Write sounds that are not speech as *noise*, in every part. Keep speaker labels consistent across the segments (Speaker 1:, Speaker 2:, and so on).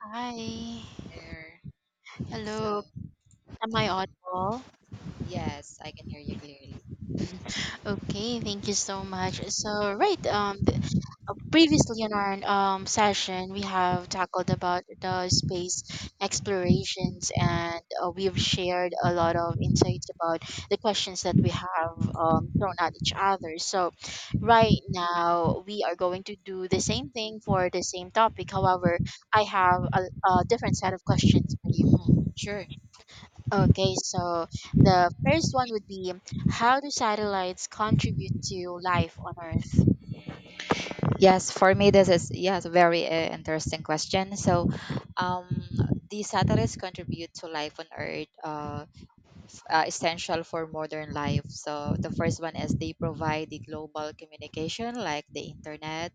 Speaker 1: Hi.
Speaker 2: There. So,
Speaker 1: Hello. Am I
Speaker 2: hello.
Speaker 1: audible?
Speaker 2: Yes, I can hear you clearly.
Speaker 1: Mm-hmm. Okay, thank you so much. Previously in our session, we have tackled about the space explorations, and we've shared a lot of insights about the questions that we have thrown at each other. So, right now, we are going to do the same thing for the same topic. However, I have a different set of questions for you.
Speaker 2: Mhm. Sure.
Speaker 1: Okay, so the first one would be, how do satellites contribute to life on Earth?
Speaker 2: Yes, for me, this is, yes, very interesting question. Um, the satellites contribute to life on Earth. Essential for modern life. So the first one is they provide the global communication like the internet,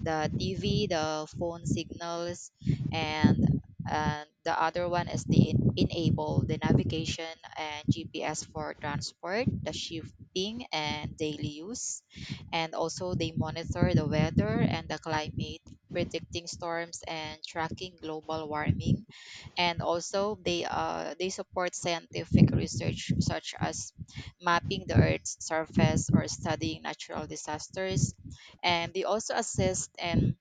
Speaker 2: the TV, the phone signals, and and the other one is the enable the navigation and GPS for transport, the shifting and daily use, and also they monitor the weather and the climate, predicting storms and tracking global warming, and also they support scientific research such as mapping the earth's surface or studying natural disasters, and they also assist in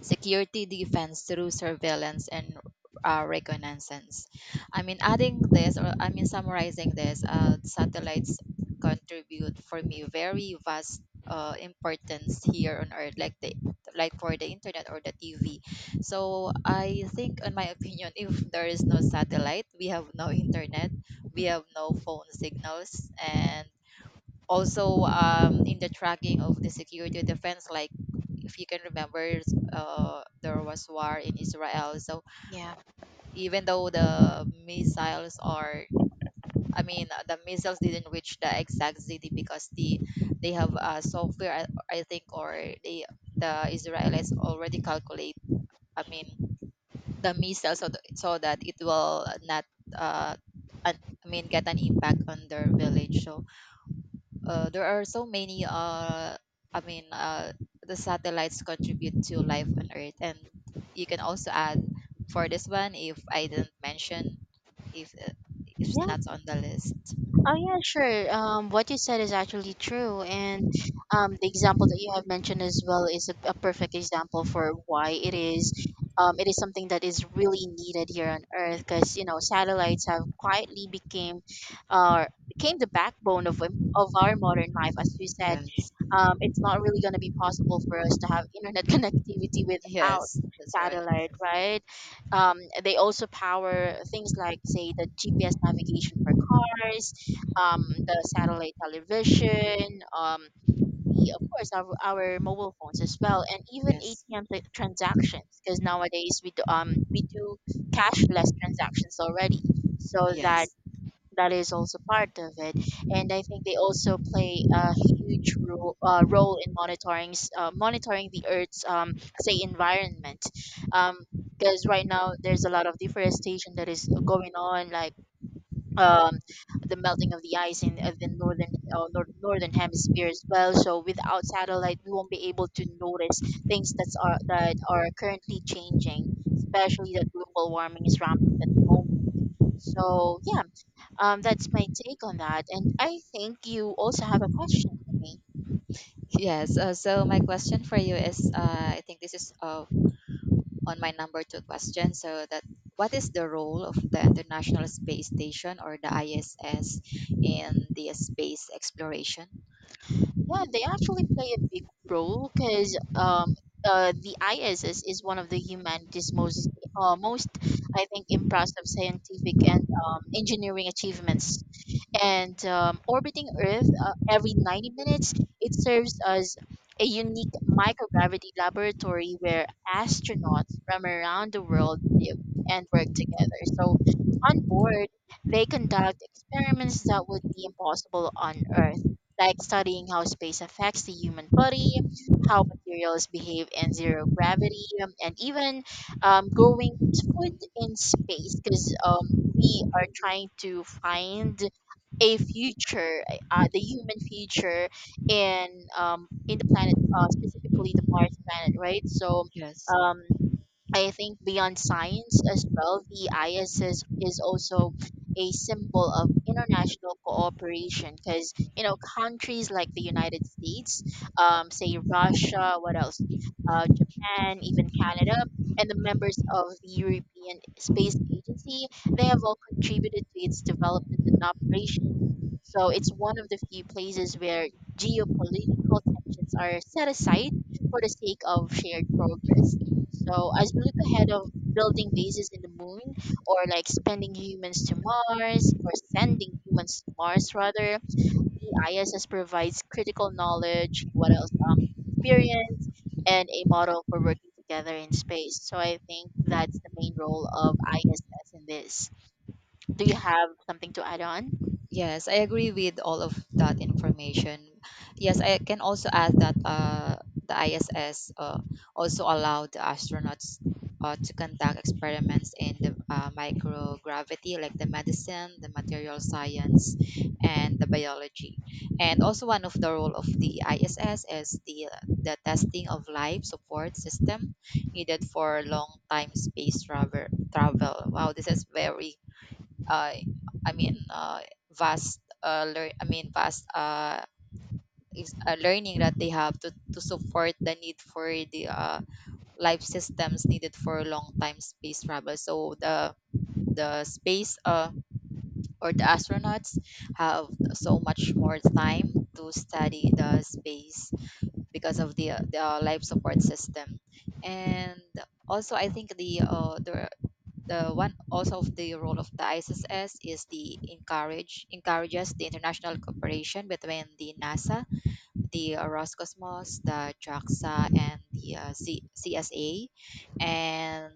Speaker 2: security defense through surveillance and reconnaissance. I mean, adding this, or I mean, summarizing this, satellites contribute, for me, very vast importance here on Earth, like the like for the internet or the TV. So I think, in my opinion, if there is no satellite, we have no internet, we have no phone signals, and also in the tracking of the security defense, like if you can remember, there was war in Israel. So
Speaker 1: Yeah.
Speaker 2: even though the missiles are, I mean, the missiles didn't reach the exact city because they have software, I think, or they the Israelis already calculate. I mean, the missiles, so that it will not, uh, an- I mean, get an impact on their village. So there are so many i mean uh the satellites contribute to life on earth, and you can also add for this one if I didn't mention, if uh, if it's not on the list.
Speaker 1: Oh yeah, sure. What you said is actually true, and the example that you have mentioned as well is a perfect example for why it is. It is something that is really needed here on Earth, because you know satellites have quietly became the backbone of of our modern life. As you said,
Speaker 2: Yes.
Speaker 1: it's not really going to be possible for us to have internet *laughs* connectivity without
Speaker 2: Yes, that's right.
Speaker 1: satellite, right? Um, they also power things like, say, the GPS navigation for cars, um, the satellite television, of course, our mobile phones as well, and even ATM t-
Speaker 2: Yes.
Speaker 1: M tra- transactions. Because
Speaker 2: Mhm.
Speaker 1: nowadays we do cashless transactions already, so that
Speaker 2: Yes.
Speaker 1: is also part of it. And I think they also play a huge role in monitoring the Earth's say environment, um. Because right now there's a lot of deforestation that is going on, like, um, the melting of the ice in the northern nor- northern hemisphere as well. So without satellite, we won't be able to notice things that are currently changing, especially that global warming is rampant at the moment. So yeah, that's my take on that, and I think you also have a question for me.
Speaker 2: Yes, so my question for you is, I think this is, on my number two question, so that what is the role of the international space station, or the iss, in the space exploration?
Speaker 1: Yeah, they actually play a big role because the ISS is one of the humanity's most, I think, impressive scientific and engineering achievements. And orbiting Earth every 90 minutes, it serves as a unique microgravity laboratory where astronauts from around the world live and work together. So on board, they conduct experiments that would be impossible on Earth, like studying how space affects the human body, how materials behave in zero gravity, and even growing food in space, because we are trying to find a future, the human future in the planet, specifically the Mars planet, right? So
Speaker 2: Yes.
Speaker 1: um, I think beyond science as well, the ISS is also a symbol of international cooperation, because you know countries like the United States, say Russia, what else, Japan, even Canada, and the members of the European Space Agency, they have all contributed to its development and operation. So it's one of the few places where geopolitical tensions are set aside for the sake of shared progress. So as we look ahead of building bases in the moon, or like sending humans to Mars rather, the ISS provides critical knowledge, what else? Experience and a model for working together in space. So I think that's the main role of ISS in this. Do you have something to add on?
Speaker 2: Yes, I agree with all of that information. Yes, I can also add that the ISS also allowed the astronauts to conduct experiments in the microgravity, like the medicine, the material science, and the biology. And also one of the role of the ISS is the testing of life support system needed for long time space travel. Travel. Wow, this is very uh, I mean, uh, vast, learn, I mean, vast, is learning, that they have to support the need for the life systems needed for long time space travel. So the space, or the astronauts, have so much more time to study the space because of the life support system, and also I think the the one also of the role of the ISS is the encourages the international cooperation between the NASA, the Roscosmos, the JAXA, and the CSA, and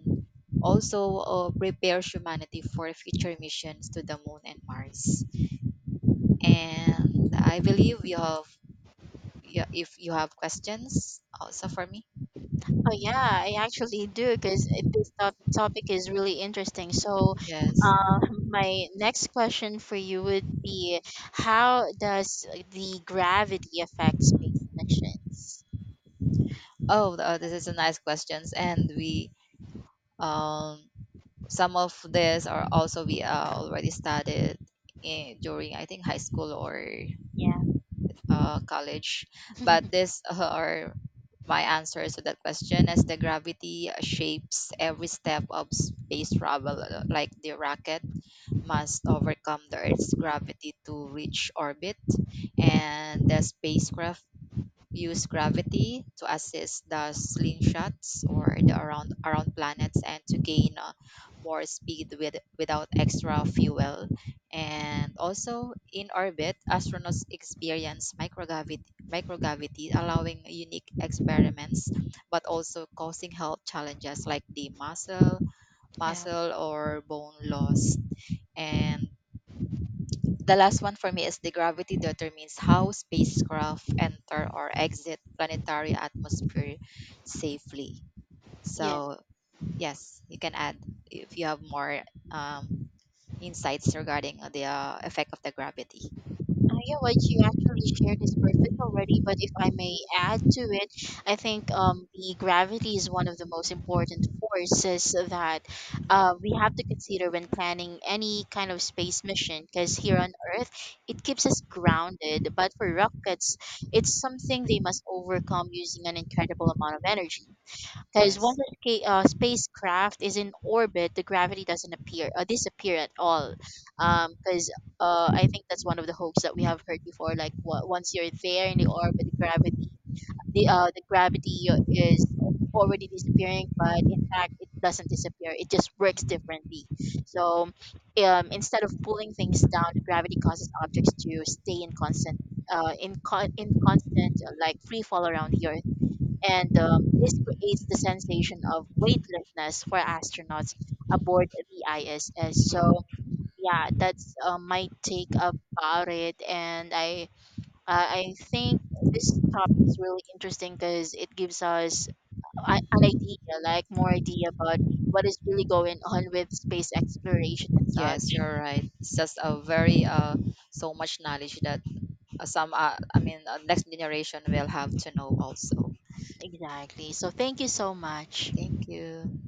Speaker 2: also prepares humanity for future missions to the Moon and Mars. And I believe you have, yeah, if you have questions also for me.
Speaker 1: Oh yeah, I actually do, because this topic is really interesting. So,
Speaker 2: Yes.
Speaker 1: uh, my next question for you would be, how does the gravity affect space missions?
Speaker 2: Oh, this is a nice questions, and we um some of this are also we already studied in, during, I think, high school or
Speaker 1: Yeah.
Speaker 2: college,
Speaker 1: *laughs*
Speaker 2: but these *laughs* are my answers to that question. As the gravity shapes every step of space travel, like the rocket must overcome the earth's gravity to reach orbit, and the spacecraft use gravity to assist the slingshots, or the around planets, and to gain more speed with without extra fuel. And also in orbit astronauts experience microgravity, allowing unique experiments, but also causing health challenges like the muscle
Speaker 1: Yeah.
Speaker 2: muscle or bone loss. And the last one for me is the gravity determines how spacecraft enter or exit planetary atmosphere safely.
Speaker 1: Yeah.
Speaker 2: So, yes, you can add if you have more um, insights regarding the effect of the gravity.
Speaker 1: Yeah, what you actually shared is perfect already, but if I may add to it, I think the gravity is one of the most important forces that
Speaker 2: Mm.
Speaker 1: we have to consider when planning any kind of space mission, because here on Earth, it keeps us grounded, but for rockets, it's something they must overcome using an incredible amount of energy. Because once
Speaker 2: Yes.
Speaker 1: a spacecraft is in orbit, the gravity doesn't appear or disappear at all. Because I think that's one of the hopes that we have heard before. Like once you're there in the orbit, the gravity is already disappearing, but in fact, it doesn't disappear. It just works differently. So instead of pulling things down, the gravity causes objects to stay in constant. In constant like free fall around the earth, and this creates the sensation of weightlessness for astronauts aboard the ISS. So yeah, that's my take about it, and I think this topic is really interesting because it gives us an idea, like more idea about what is really going on with space exploration and
Speaker 2: Yes,
Speaker 1: such.
Speaker 2: you're right. It's just a very so much knowledge that some I mean, next generation will have to know also.
Speaker 1: Exactly. So thank you so much.
Speaker 2: Thank you.